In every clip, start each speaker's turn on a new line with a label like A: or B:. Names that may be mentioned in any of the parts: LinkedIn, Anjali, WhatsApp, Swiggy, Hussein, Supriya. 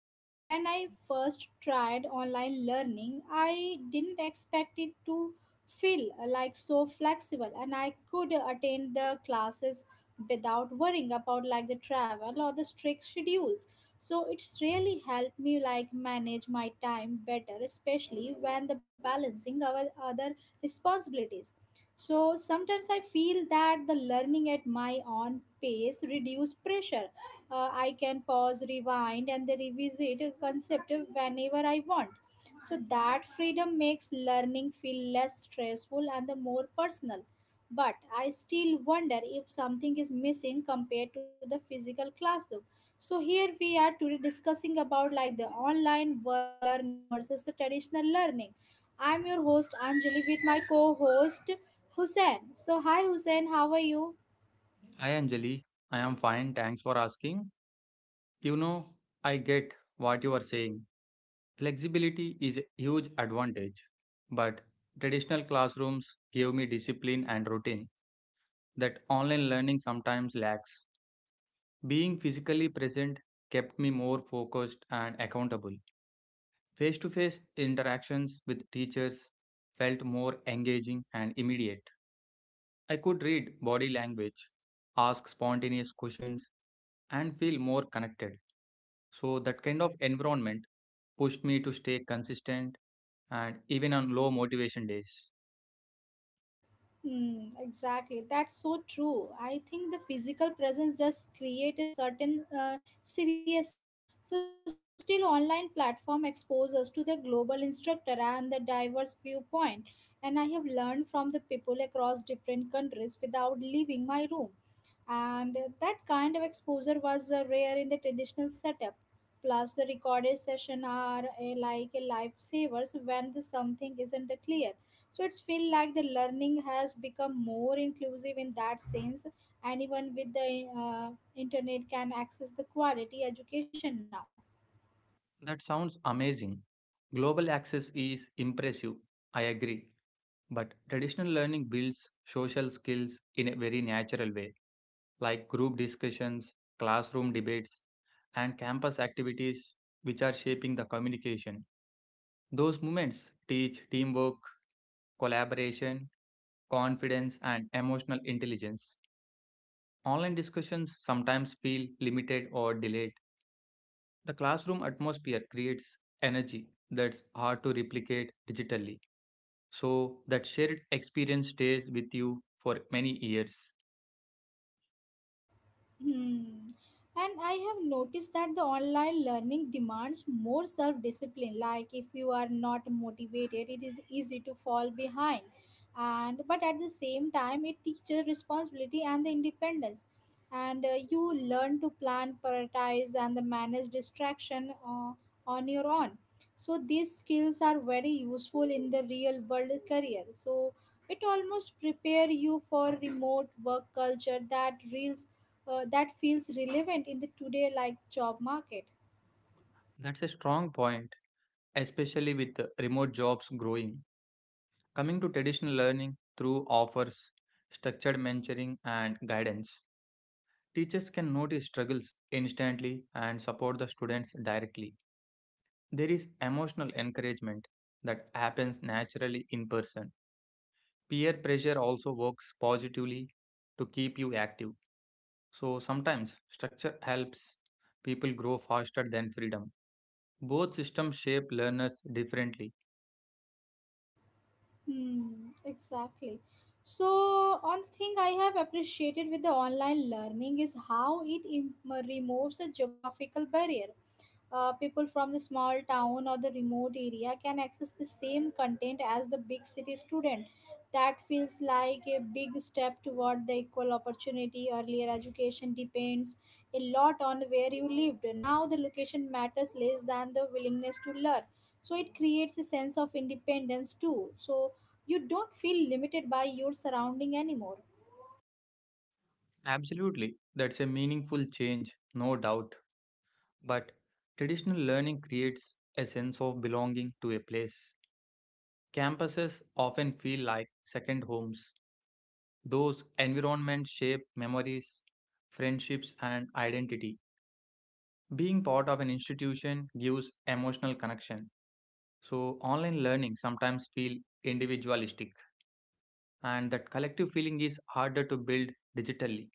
A: You know, when I first tried online learning, I didn't expect it to feel like so flexible, and I could attend the classes without worrying about like the travel or the strict schedules. So, it's really helped me like manage my time better, especially when the balancing our other responsibilities. So sometimes I feel that the learning at my own pace reduce pressure. I can pause, rewind, and then revisit a concept whenever I want. So that freedom makes learning feel less stressful and the more personal. But I still wonder if something is missing compared to the physical classroom. So here we are today discussing about like the online learning versus the traditional learning. I'm your host Anjali with my co-host Hussein. So hi Hussein, how are you?
B: Hi Anjali, I am fine, thanks for asking. You know, I get what you are saying. Flexibility is a huge advantage, but traditional classrooms give me discipline and routine that online learning sometimes lacks. Being physically present kept me more focused and accountable. Face to face interactions with teachers felt more engaging and immediate. I could read body language, ask spontaneous questions, and feel more connected. So that kind of environment pushed me to stay consistent and even on low motivation days.
A: Hmm, exactly. That's so true. I think the physical presence does create a certain seriousness. So still online platform expose us to the global instructor and the diverse viewpoint. And I have learned from the people across different countries without leaving my room. And that kind of exposure was rare in the traditional setup. Plus, the recorded session are a, like a lifesavers when the something isn't the clear. So it's feel like the learning has become more inclusive in that sense. Anyone with the internet can access the quality education now.
B: That sounds amazing. Global access is impressive, I agree. But traditional learning builds social skills in a very natural way, like group discussions, classroom debates, and campus activities, which are shaping the communication. Those moments teach teamwork, collaboration, confidence, and emotional intelligence. Online discussions sometimes feel limited or delayed. The classroom atmosphere creates energy that's hard to replicate digitally. So, that shared experience stays with you for many years.
A: Hmm. And I have noticed that the online learning demands more self discipline. Like if you are not motivated, it is easy to fall behind. And but at the same time, it teaches responsibility and the independence. And you learn to plan, prioritize, and the manage distraction on your own. So these skills are very useful in the real world career. So it almost prepare you for remote work culture that reels that feels relevant in the today like job market.
B: That's a strong point, especially with the remote jobs growing. Coming to traditional learning through offers, structured mentoring, and guidance, teachers can notice struggles instantly and support the students directly. There is emotional encouragement that happens naturally in person. Peer pressure also works positively to keep you active. So sometimes structure helps people grow faster than freedom. Both systems shape learners differently.
A: Hmm, exactly. So, one thing I have appreciated with the online learning is how it removes a geographical barrier. People from the small town or the remote area can access the same content as the big city student. That feels like a big step toward the equal opportunity. Earlier education depends a lot on where you lived. Now the location matters less than the willingness to learn, so it creates a sense of independence too, so you don't feel limited by your surrounding anymore.
B: Absolutely, that's a meaningful change, no doubt. But traditional learning creates a sense of belonging to a place. Campuses often feel like second homes. Those environments shape memories, friendships, and identity. Being part of an institution gives emotional connection. So, online learning sometimes feel individualistic, and that collective feeling is harder to build digitally.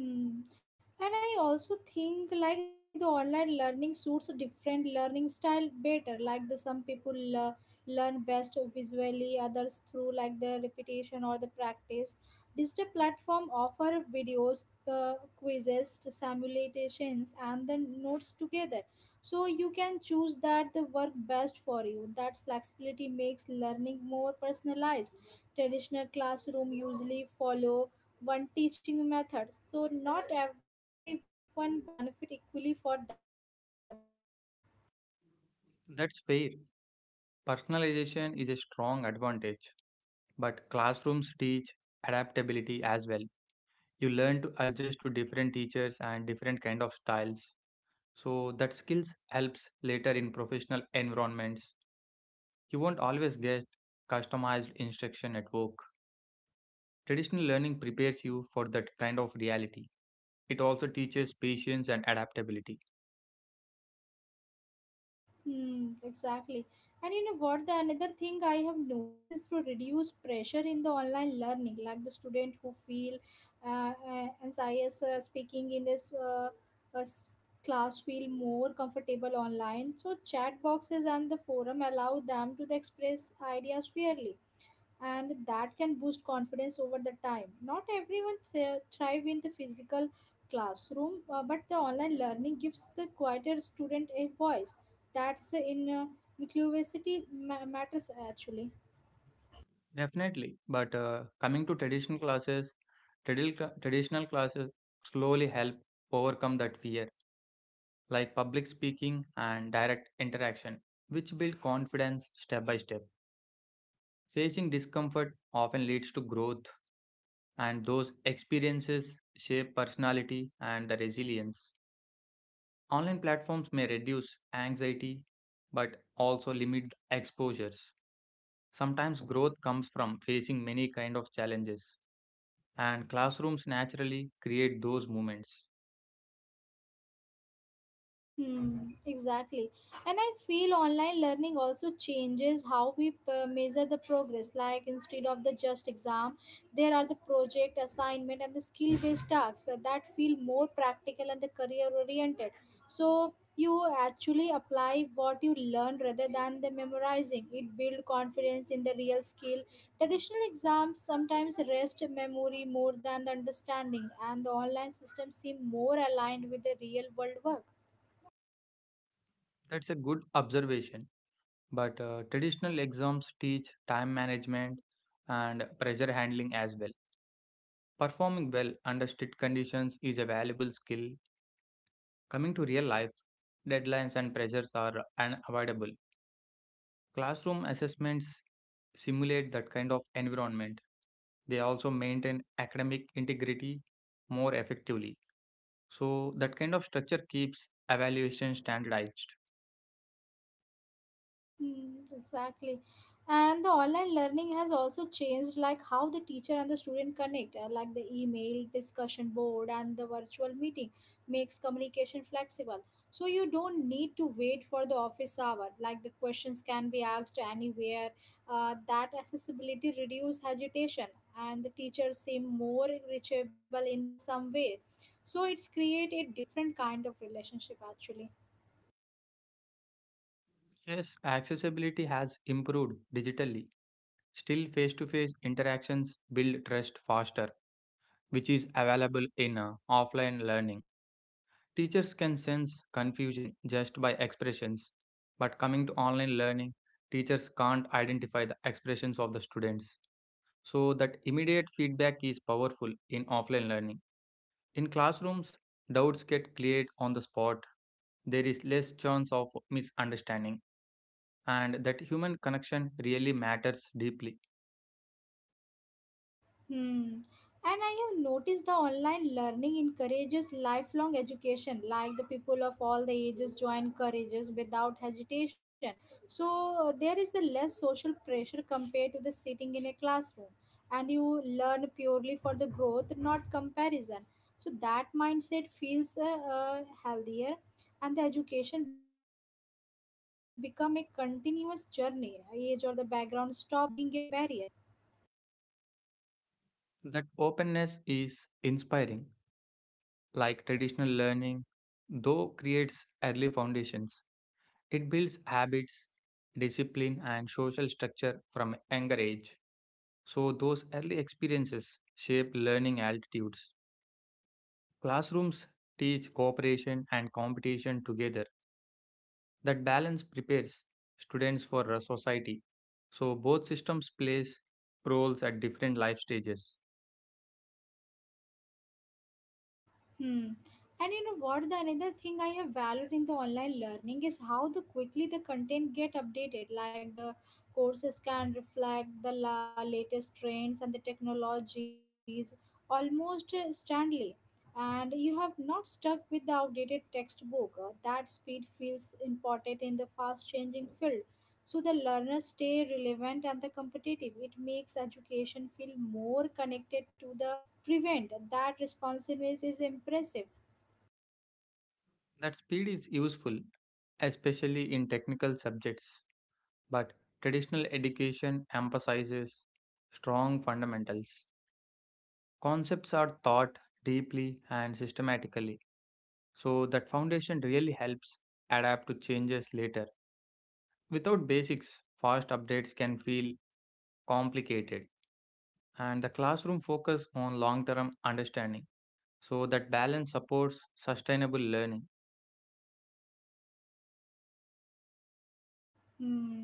A: Hmm. And I also think like the online learning suits a different learning style better. Like the some people learn best visually, others through like the repetition or the practice. Digital platform offer videos, quizzes, simulations, and the notes together. So you can choose that the work best for you. That flexibility makes learning more personalized. Traditional classroom usually follow one teaching method. So not everyone benefit equally for that approach.
B: That's fair. Personalization is a strong advantage, but classrooms teach adaptability as well. You learn to adjust to different teachers and different kind of styles. So that skills helps later in professional environments. You won't always get customized instruction at work. Traditional learning prepares you for that kind of reality. It also teaches patience and adaptability.
A: Hmm, exactly. And you know what? The another thing I have noticed is to reduce pressure in the online learning, like the student who feel anxious speaking in uh, s- class feel more comfortable online. So chat boxes and the forum allow them to the express ideas fairly. And that can boost confidence over the time. Not everyone thrive in the physical classroom, but the online learning gives the quieter student a voice. That's in inclusivity matters actually.
B: Definitely. But coming to traditional classes, traditional classes slowly help overcome that fear, like public speaking and direct interaction, which build confidence step by step. Facing discomfort often leads to growth, and those experiences shape personality and the resilience. Online platforms may reduce anxiety but also limit the exposures. Sometimes growth comes from facing many kind of challenges and classrooms naturally create those moments.
A: Hmm, exactly. And I feel online learning also changes how we measure the progress. Like instead of the just exam, there are the project assignment and the skill based tasks that feel more practical and the career oriented. So you actually apply what you learn rather than the memorizing. It build confidence in the real skill. Traditional exams sometimes rest memory more than the understanding, and the online systems seem more aligned with the real world work.
B: That's a good observation. But traditional exams teach time management and pressure handling as well. Performing well under strict conditions is a valuable skill. Coming to real life, deadlines and pressures are unavoidable. Classroom assessments simulate that kind of environment. They also maintain academic integrity more effectively. So, that kind of structure keeps evaluation standardized.
A: Mm, exactly. And the online learning has also changed like how the teacher and the student connect, like the email, discussion board and the virtual meeting makes communication flexible. So you don't need to wait for the office hour. Like the questions can be asked anywhere. That accessibility reduce agitation and the teachers seem more reachable in the some way. So it's create a different kind of relationship actually.
B: Yes, accessibility has improved digitally. Still, face to face interactions build trust faster, which is available in offline learning. Teachers can sense confusion just by expressions, but coming to online learning, teachers can't identify the expressions of the students. So, that immediate feedback is powerful in offline learning. In classrooms, doubts get cleared on the spot, there is less chance of misunderstanding, and that human connection really matters deeply.
A: Hmm. And I have noticed the online learning encourages lifelong education, like the people of all the ages join courages without hesitation. So there is a less social pressure compared to the sitting in a classroom, and you learn purely for the growth, not comparison. So that mindset feels healthier, and the education become a continuous journey. Age or the background stop being a barrier.
B: That openness is inspiring, like traditional learning, though creates early foundations. It builds habits, discipline, and social structure from a younger age. So, those early experiences shape learning altitudes. Classrooms teach cooperation and competition together. That balance prepares students for a society. So, both systems plays roles at different life stages.
A: Hmm. And you know what? The another thing I have valued in the online learning is how the quickly the content get updated. Like the courses can reflect the latest trends and the technologies almost instantly. And you have not stuck with the outdated textbook. That speed feels important in the fast changing field. So the learners stay relevant and the competitive. It makes education feel more connected to the prevent. That responsiveness is impressive.
B: That speed is useful, especially in technical subjects, but traditional education emphasizes strong fundamentals. Concepts are taught deeply and systematically, so that foundation really helps adapt to changes later. Without basics, fast updates can feel complicated, and the classroom focus on long-term understanding, so that balance supports sustainable learning.
A: Hmm.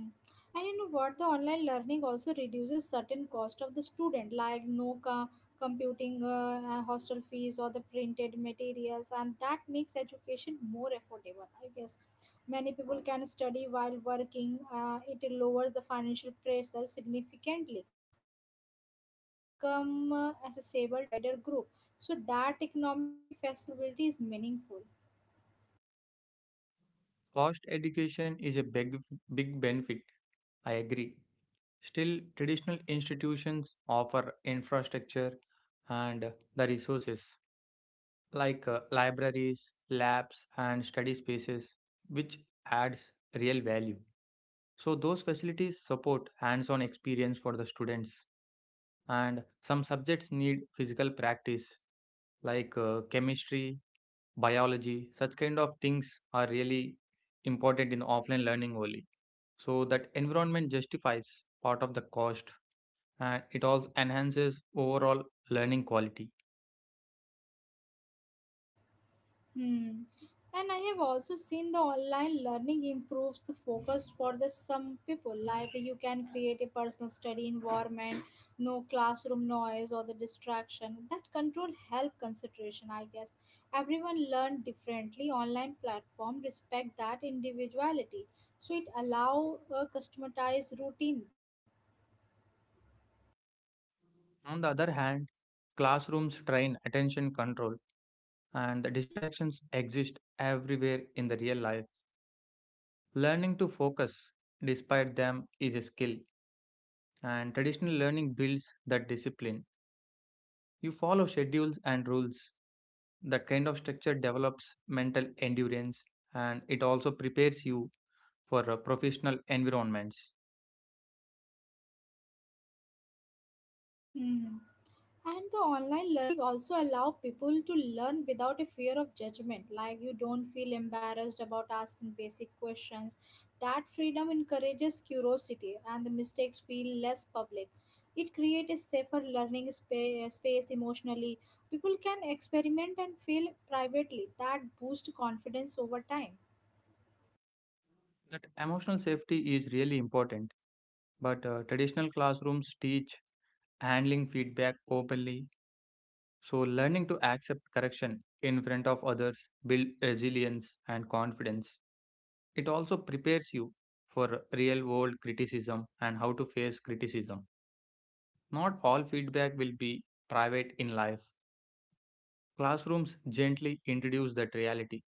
A: And you know what? The online learning also reduces certain cost of the student, like no computing, hostel fees, or the printed materials, and that makes education more affordable. I guess many people can study while working. It lowers the financial pressure significantly, and the learning become accessible to the wider group. So that economic flexibility is meaningful.
B: Fast education is a big, big benefit. I agree. Still, traditional institutions offer infrastructure and the resources like libraries, labs, and study spaces, which adds real value. So, those facilities support hands on experience for the students, and some subjects need physical practice, like chemistry, biology, such kind of things are really important in offline learning only. So, that environment justifies part of the cost and it also enhances overall learning quality.
A: Hmm. And I have also seen the online learning improves the focus for the some people. Like you can create a personal study environment, no classroom noise or the distraction. That control help concentration, I guess. Everyone learn differently. Online platform respect that individuality, so it allow a customized routine.
B: On the other hand, classrooms train attention control and the distractions exist everywhere in the real life. Learning to focus despite them is a skill, and traditional learning builds that discipline. You follow schedules and rules. That kind of structure develops mental endurance and it also prepares you for professional environments.
A: Hmm. And the online learning also allow people to learn without a fear of judgment. Like you don't feel embarrassed about asking basic questions. That freedom encourages curiosity and the mistakes feel less public. It creates a safer learning space emotionally. People can experiment and fail privately. That boosts confidence over time.
B: That emotional safety is really important, but traditional classrooms teach handling feedback openly. So, learning to accept correction in front of others build resilience and confidence. It also prepares you for real world criticism and how to face criticism. Not all feedback will be private in life. Classrooms gently introduce that reality.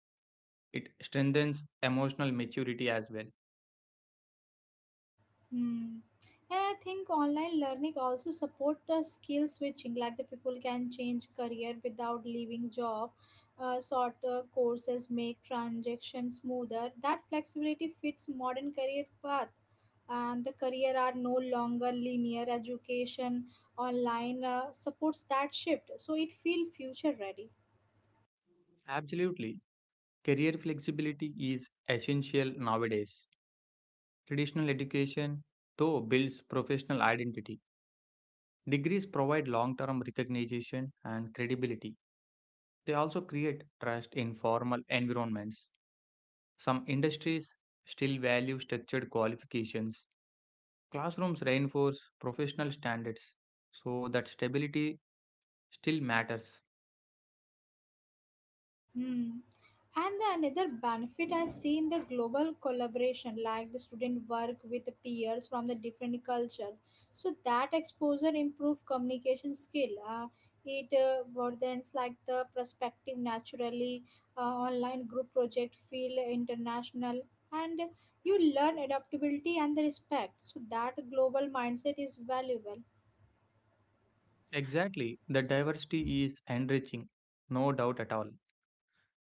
B: It strengthens emotional maturity as well.
A: Hmm. And I think online learning also support skill switching, like the people can change career without leaving job. Shorter courses make transaction smoother. That flexibility fits modern career path. And the career are no longer linear. Education online supports that shift, so it feel future ready.
B: Absolutely. Career flexibility is essential nowadays. Traditional education, though, builds professional identity. Degrees provide long term recognition and credibility. They also create trust in formal environments. Some industries still value structured qualifications. Classrooms reinforce professional standards, so that stability still matters.
A: Hmm. And the another benefit I see in the global collaboration, like the student work with the peers from the different cultures. So that exposure improve communication skill. It broadens like the perspective naturally. Online group project feel international, and you learn adaptability and the respect. So that global mindset is valuable.
B: Exactly, the diversity is enriching, no doubt at all.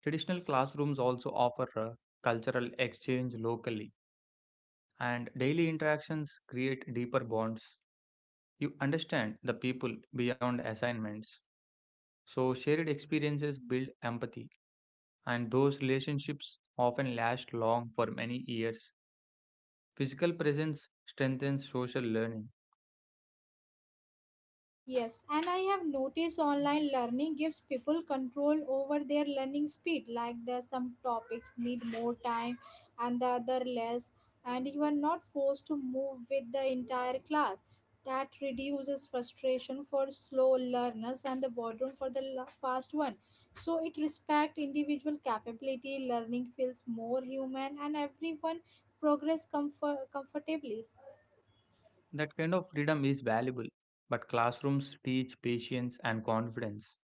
B: Traditional classrooms also offer a cultural exchange locally, and daily interactions create deeper bonds. You understand the people beyond assignments. So, shared experiences build empathy, and those relationships often last long for many years. Physical presence strengthens social learning.
A: Yes, and I have noticed online learning gives people control over their learning speed. Like the some topics need more time and the other less, and you are not forced to move with the entire class. That reduces frustration for slow learners and the boredom for the fast one. So it respects individual capability. Learning feels more human, and everyone progress comfortably.
B: That kind of freedom is valuable, but classrooms teach patience and confidence.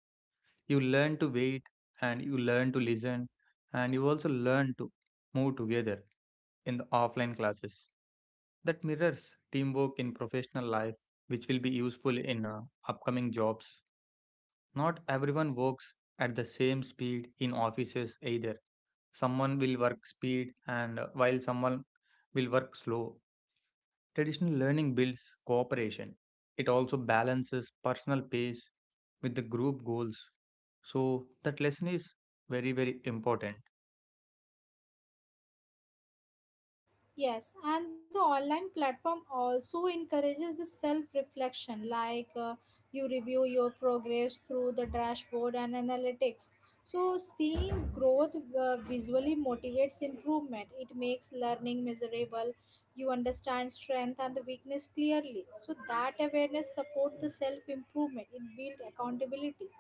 B: You learn to wait, and you learn to listen, and you also learn to move together in the offline classes. That mirrors teamwork in professional life, which will be useful in upcoming jobs. Not everyone works at the same speed in offices either. Someone will work speed and while someone will work slow. Traditional learning builds cooperation. It also balances personal pace with the group goals. So that lesson is very very important.
A: Yes, and the online platform also encourages the self reflection, like you review your progress through the dashboard and analytics. So, seeing growth visually motivates improvement, it makes learning measurable. You understand strength and the weakness clearly. So, that awareness supports the self improvement, it builds accountability.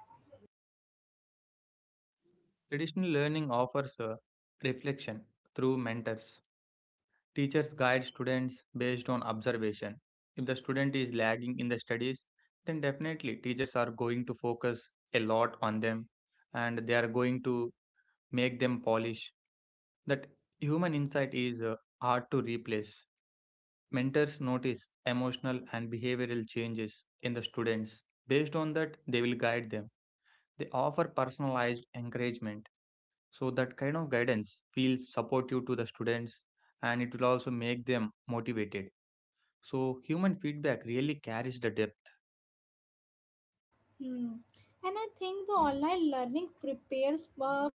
B: Traditional learning offers a reflection through mentors. Teachers guide students based on observation. If the student is lagging in the studies, then definitely teachers are going to focus a lot on them and they are going to make them polish. That human insight is hard to replace. Mentors notice emotional and behavioral changes in the students. Based on that, they will guide them. They offer personalized encouragement. So, that kind of guidance feels supportive to the students and it will also make them motivated. So, human feedback really carries the depth.
A: Hmm. And I think the online learning prepares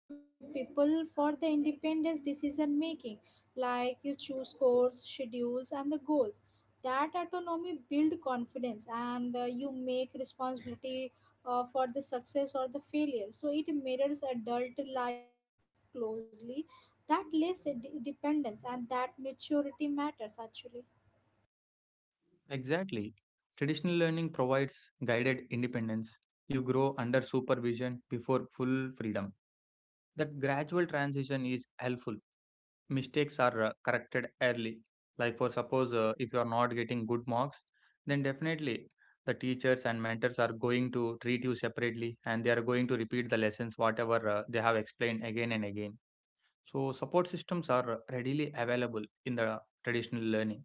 A: people for the independence decision making, like you choose course, schedules, and the goals. That autonomy build confidence, and you make responsibility for the success or the failure. So it mirrors adult life closely. That less dependence, and that maturity matters actually.
B: Exactly. Traditional learning provides guided independence. You grow under supervision before full freedom. That gradual transition is helpful. Mistakes are corrected early. Like, for suppose, if you are not getting good marks, then definitely the teachers and mentors are going to treat you separately and they are going to repeat the lessons, whatever they have explained again and again. So, support systems are readily available in the traditional learning.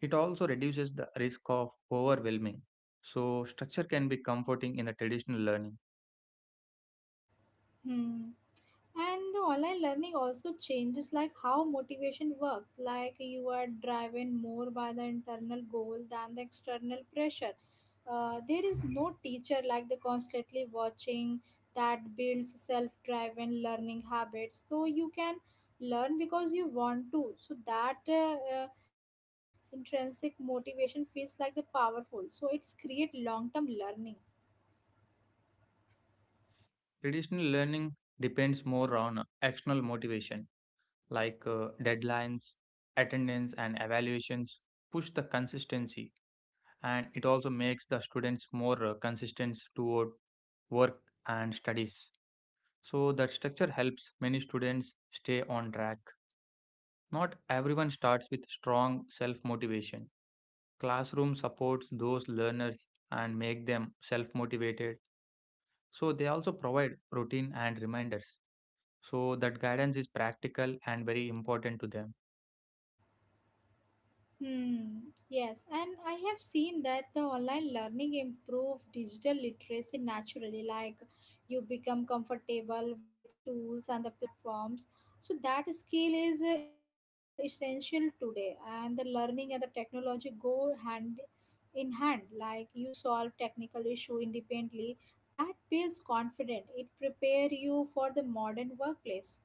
B: It also reduces the risk of overwhelming. So, structure can be comforting in the traditional learning.
A: Hmm. And the online learning also changes like how motivation works. Like you are driven more by the internal goal than the external pressure. There is no teacher like the constantly watching that builds self-driven learning habits. So you can learn because you want to. So that uh, intrinsic motivation feels like the powerful. So it's create long-term learning.
B: Traditional learning depends more on external motivation, like deadlines, attendance, and evaluations, push the consistency, and it also makes the students more consistent toward work and studies. So, that structure helps many students stay on track. Not everyone starts with strong self motivation. Classroom supports those learners and make them self-motivated. So they also provide routine and reminders. So that guidance is practical and very important to them.
A: Hmm. Yes, and I have seen that the online learning improve digital literacy naturally. Like you become comfortable with tools and the platforms. So that skill is essential today, and the learning and the technology go hand in hand. Like you solve technical issue independently. That builds confidence. It prepare you for the modern workplace.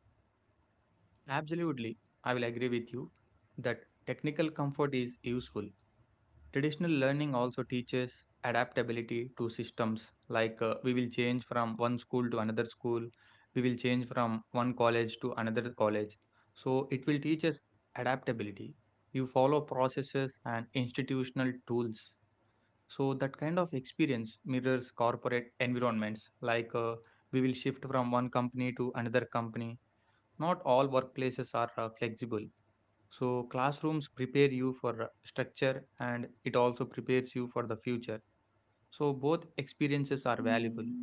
B: Absolutely, I will agree with you that technical comfort is useful. Traditional learning also teaches adaptability to systems, like we will change from one school to another school, we will change from one college to another college. So it will teach us adaptability. You follow processes and institutional tools. So that kind of experience mirrors corporate environments, like we will shift from one company to another company. Not all workplaces are flexible, so classrooms prepare you for structure and it also prepares you for the future. So, both experiences are valuable.
A: Hmm.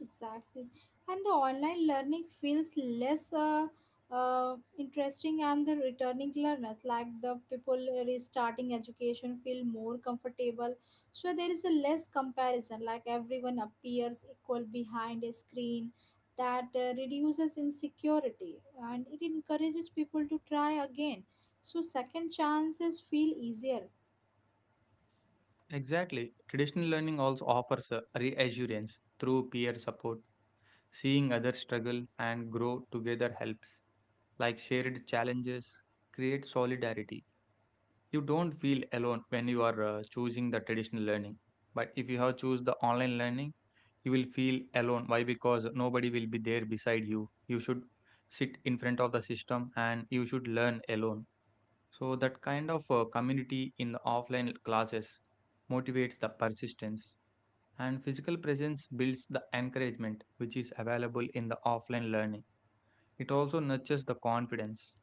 A: Exactly. And the online learning feels less interesting, and the returning learners, like the people restarting education, feel more comfortable. So there is a less comparison, like everyone appears equal behind a screen. That reduces insecurity and it encourages people to try again. So, second chances feel easier.
B: Exactly. Traditional learning also offers a reassurance through peer support. Seeing others struggle and grow together helps. Like shared challenges create solidarity. You don't feel alone when you are choosing the traditional learning, but if you have choose the online learning, you will feel alone. Why? Because nobody will be there beside you. You should sit in front of the system and you should learn alone. So that kind of community in the offline classes motivates the persistence, and physical presence builds the encouragement which is available in the offline learning. It also nurtures the confidence.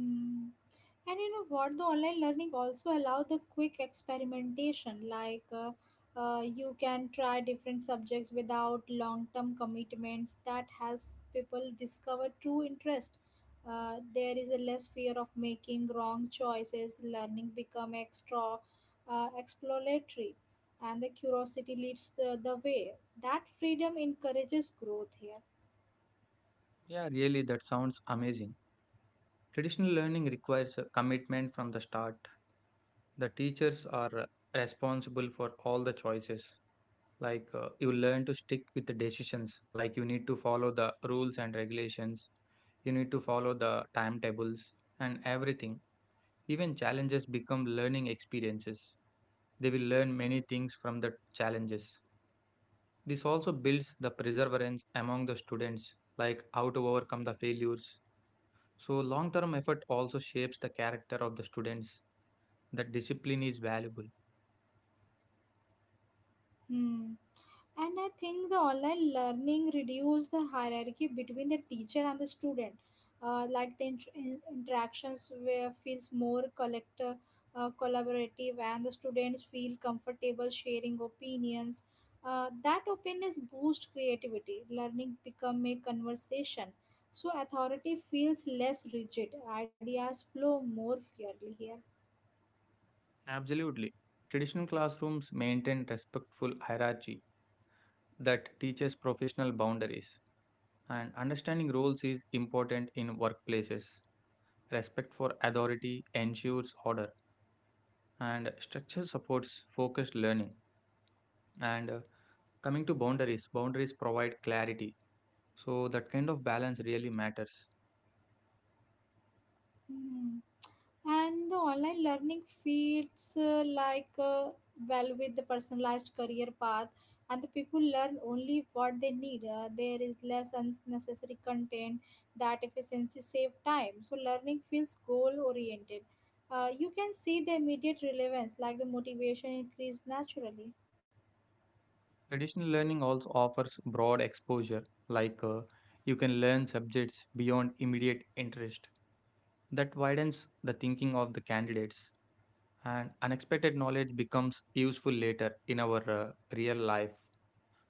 A: Mm. And you know what? The online learning also allow the quick experimentation. Like you can try different subjects without long-term commitments. That helps people discover true interest. There is a less fear of making wrong choices. Learning become extra exploratory, and the curiosity leads the way. That freedom encourages growth here.
B: Yeah, really, that sounds amazing. Traditional learning requires a commitment from the start. The teachers are responsible for all the choices. Like you learn to stick with the decisions, like you need to follow the rules and regulations, you need to follow the timetables and everything. Even challenges become learning experiences. They will learn many things from the challenges. This also builds the perseverance among the students, like how to overcome the failures. So, long term effort also shapes the character of the students that discipline is valuable.
A: Hmm. And I think the online learning reduced the hierarchy between the teacher and the student. Like the interactions where feels more collaborative and the students feel comfortable sharing opinions. That openness boosts creativity. Learning become a conversation. So authority feels less rigid. Ideas flow more freely here.
B: Absolutely. Traditional classrooms maintain respectful hierarchy that teaches professional boundaries, and understanding roles is important in workplaces. Respect for authority ensures order, and structure supports focused learning. And Coming to boundaries, boundaries provide clarity, so that kind of balance really matters.
A: Hmm. And the online learning feeds well with the personalized career path, and the people learn only what they need. Uh, there is less unnecessary content. That efficiency save time, so learning feels goal oriented. Uh, you can see the immediate relevance, like the motivation increase naturally.
B: Traditional learning also offers broad exposure, like uh, you can learn subjects beyond immediate interest that widens the thinking of the candidates, and unexpected knowledge becomes useful later in our real life,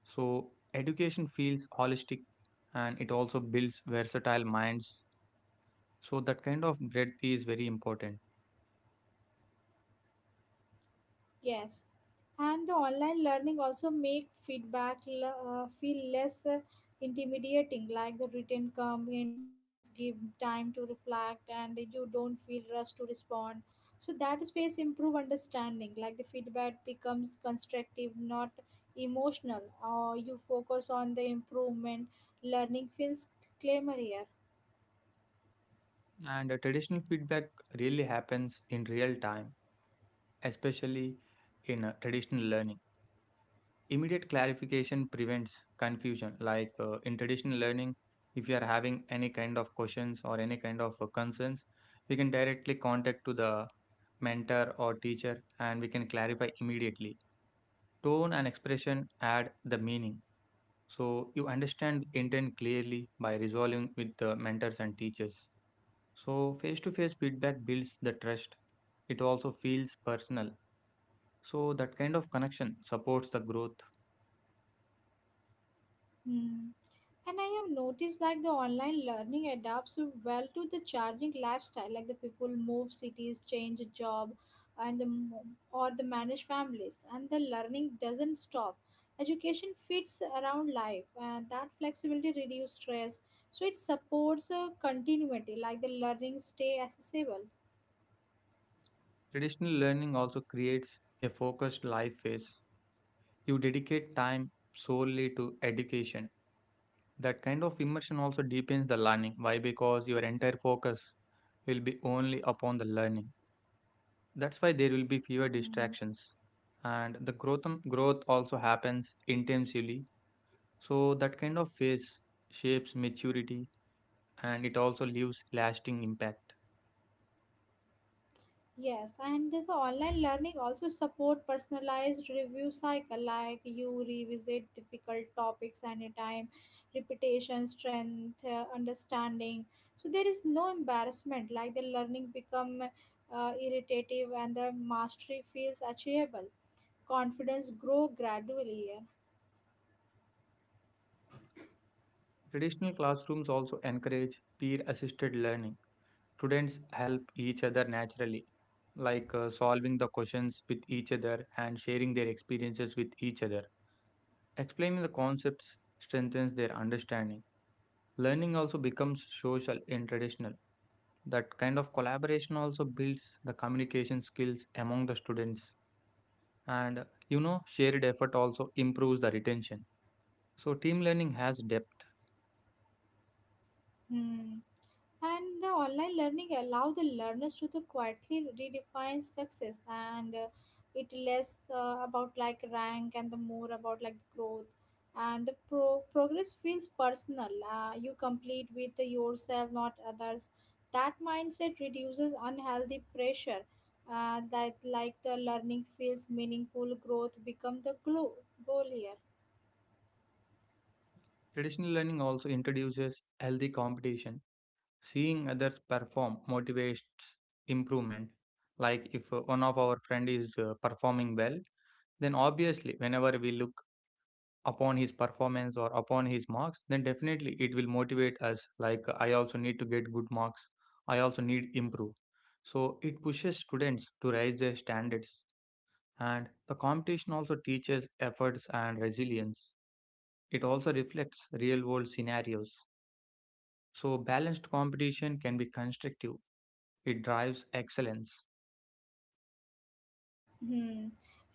B: so education feels holistic and it also builds versatile minds, so that kind of breadth is very important.
A: Yes, and the online learning also make feedback feel less intimidating. Like the written comments give time to reflect, and you don't feel rushed to respond. So that space improve understanding. Like the feedback becomes constructive, not emotional. Or you focus on the improvement. Learning feels clamier.
B: And Traditional feedback really happens in real time, especially in traditional learning. Immediate clarification prevents confusion. In traditional learning, if you are having any kind of questions or any kind of concerns, we can directly contact to the mentor or teacher and we can clarify immediately. Tone and expression add the meaning. So you understand intent clearly by resolving with the mentors and teachers. So face to face feedback builds the trust. It also feels personal. So that kind of connection supports the growth.
A: Hmm. And I have noticed like the online learning adapts well to the changing lifestyle, like the people move cities, change a job, and or the manage families, and the learning doesn't stop. Education fits around life, and that flexibility reduces stress. So it supports a continuity, like the learning stay accessible.
B: Traditional learning also creates a focused life phase. You dedicate time solely to education. That kind of immersion also deepens the learning. Why? Because your entire focus will be only upon the learning. That's why there will be fewer
A: Hmm.
B: distractions. And the growth also happens intensively. So that kind of phase shapes maturity and it also leaves lasting impact.
A: Yes, and the online learning also support personalized review cycle, like you revisit difficult topics anytime, repetition, strength, understanding. So there is no embarrassment, like the learning become irritative and the mastery feels achievable. Confidence grow gradually, yeah.
B: Traditional classrooms also encourage peer assisted learning. Students help each other naturally, solving the questions with each other and sharing their experiences with each other. Explaining the concepts strengthens their understanding. Learning also becomes social and traditional. That kind of collaboration also builds the communication skills among the students. And You know, shared effort also improves the retention. So, team learning has depth.
A: Hmm. And the online learning allow the learners to the quietly redefine success, and it less about like rank and the more about like growth, and the progress feels personal. You complete with yourself, not others. That mindset reduces unhealthy pressure. That like the learning feels meaningful, growth become the goal here.
B: Traditional learning also introduces healthy competition. Seeing others perform motivates improvement. Like if one of our friend is performing well, then obviously whenever we look upon his performance or upon his marks, then definitely it will motivate us. Like I also need to get good marks. I also need improve. So it pushes students to raise their standards. And the competition also teaches efforts and resilience. It also reflects real world scenarios. So balanced competition can be constructive. It drives excellence.
A: Hmm.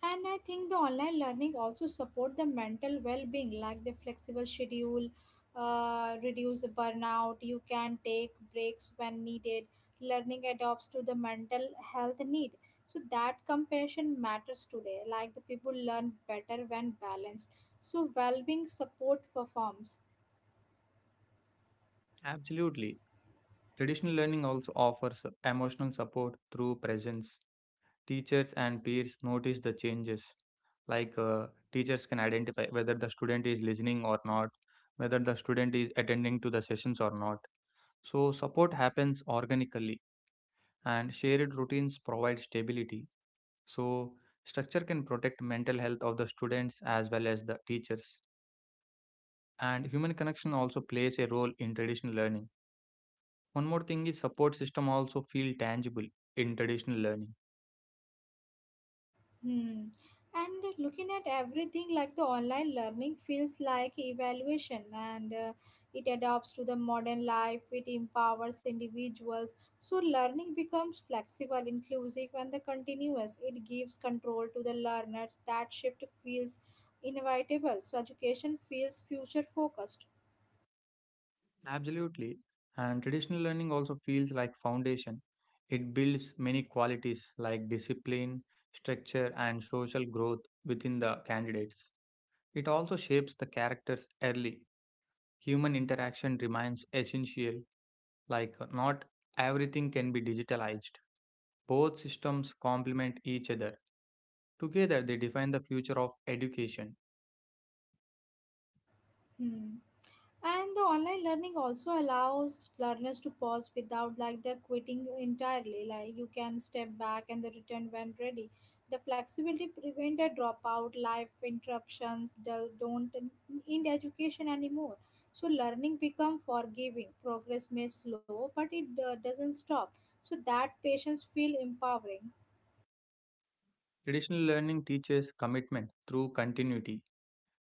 A: And I think the online learning also support the mental well-being, like the flexible schedule, reduce the burnout. You can take breaks when needed. Learning adapts to the mental health need. So that compassion matters today. Like the people learn better when balanced. So well-being support performs.
B: Absolutely. Traditional learning also offers emotional support through presence. Teachers and peers notice the changes. Like uh, Teachers can identify whether the student is listening or not, whether the student is attending to the sessions or not. So support happens organically and shared routines provide stability. So structure can protect mental health of the students as well as the teachers. And human connection also plays a role in traditional learning. One more thing is support system also feel tangible in traditional learning.
A: Hmm. And looking at everything like the online learning feels like evaluation and it adapts to the modern life, it empowers individuals. So, learning becomes flexible, inclusive, and the continuous. It gives control to the learners. That shift feels inevitable. So, education feels future focused.
B: Absolutely. And traditional learning also feels like foundation. It builds many qualities like discipline, structure and social growth within the candidates. It also shapes the characters early. Human interaction remains essential, like not everything can be digitalized. Both systems complement each other. Together they define the future of education.
A: Hmm. And the online learning also allows learners to pause without like they're quitting entirely. Like you can step back and then return when ready. The flexibility prevent a dropout, life interruptions don't in education anymore. So learning become forgiving. Progress may slow, but it doesn't stop. So that patients feel empowering.
B: Traditional learning teaches commitment through continuity.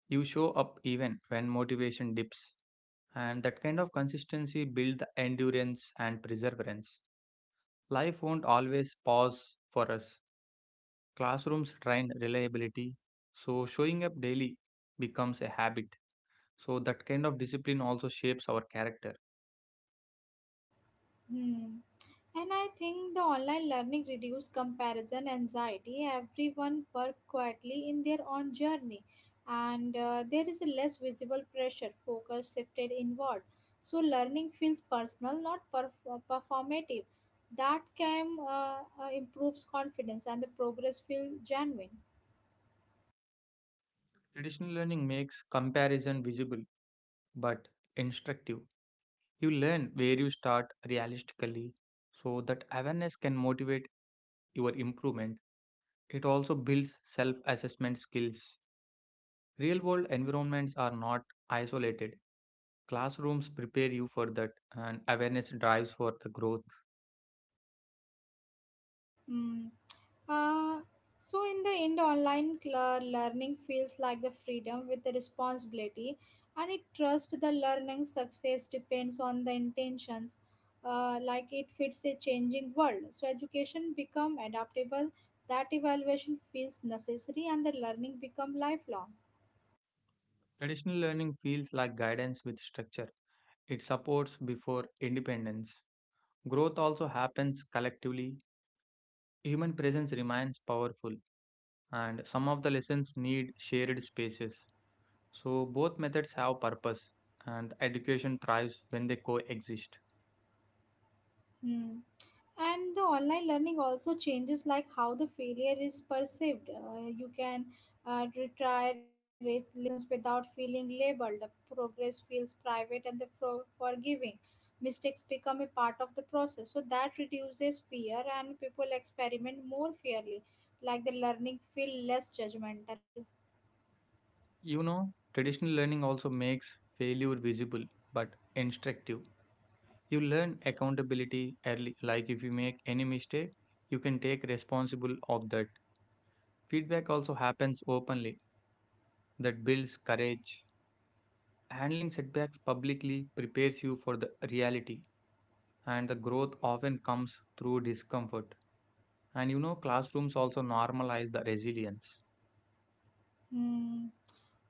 B: You show up even when motivation dips, and that kind of consistency builds the endurance and perseverance. Life won't always pause for us. Classrooms train reliability, so showing up daily becomes a habit. So, that kind of discipline also shapes our character.
A: Hmm. And I think the online learning reduced comparison anxiety. Everyone worked quietly in their own journey, and there is a less visible pressure, focus shifted inward. So learning feels personal, not performative. That can improves confidence, and the progress feels genuine.
B: Traditional learning makes comparison visible but instructive. You learn where you start realistically, so that awareness can motivate your improvement. It also builds self assessment skills. Real world environments are not isolated. Classrooms prepare you for that, and awareness drives for the growth.
A: Mm. Uh, so in the end, online learning feels like the freedom with the responsibility, and it trust the learning success depends on the intentions. Like it fits a changing world, so education become adaptable. That evaluation feels necessary, and the learning become lifelong.
B: Traditional learning feels like guidance with structure, it supports before independence. Growth also happens collectively. Human presence remains powerful, and some of the lessons need shared spaces. So, both methods have purpose, and education thrives when they coexist.
A: Hmm. And the online learning also changes like how the failure is perceived. You can retry lessons without feeling labeled. The progress feels private and the forgiving. Mistakes become a part of the process, so that reduces fear and people experiment more fairly, like the learning feel less judgmental.
B: You know, traditional learning also makes failure visible but instructive. You learn accountability early, like if you make any mistake, you can take responsible of that. Feedback also happens openly that builds courage. Handling setbacks publicly prepares you for the reality and the growth often comes through discomfort. And you know, classrooms also normalize the resilience.
A: Hmm.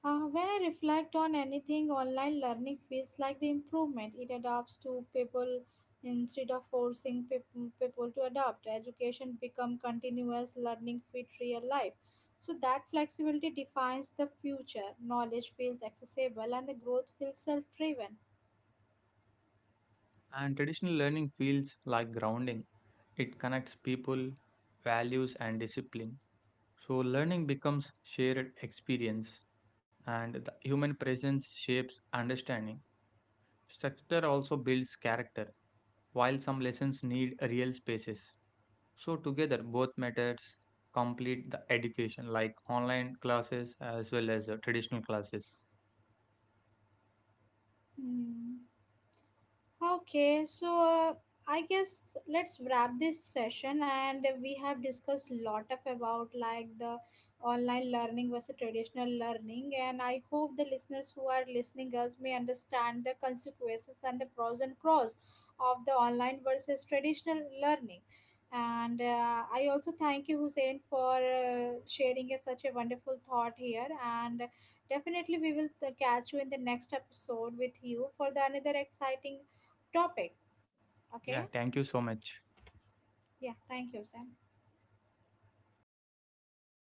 A: When I reflect on anything, online learning feels like the improvement. It adapts to people instead of forcing people to adapt. Education become continuous learning fit real life. So that flexibility defines the future. Knowledge feels accessible and the growth feels self-driven.
B: And traditional learning feels like grounding. It connects people, values and discipline. So learning becomes shared experience and the human presence shapes understanding. Structure also builds character while some lessons need real spaces. So together both methods complete the education like online classes as well as the traditional classes.
A: Hmm. Okay, so I guess let's wrap this session. And we have discussed lot of about like the online learning versus traditional learning, and I hope the listeners who are listening us may understand the consequences and the pros and cons of the online versus traditional learning. And I also thank you Hussein for sharing a, such a wonderful thought here, and definitely we will catch you in the next episode with you for the another exciting topic. Okay.
B: Yeah, thank you so much.
A: Yeah. Thank you, Sam.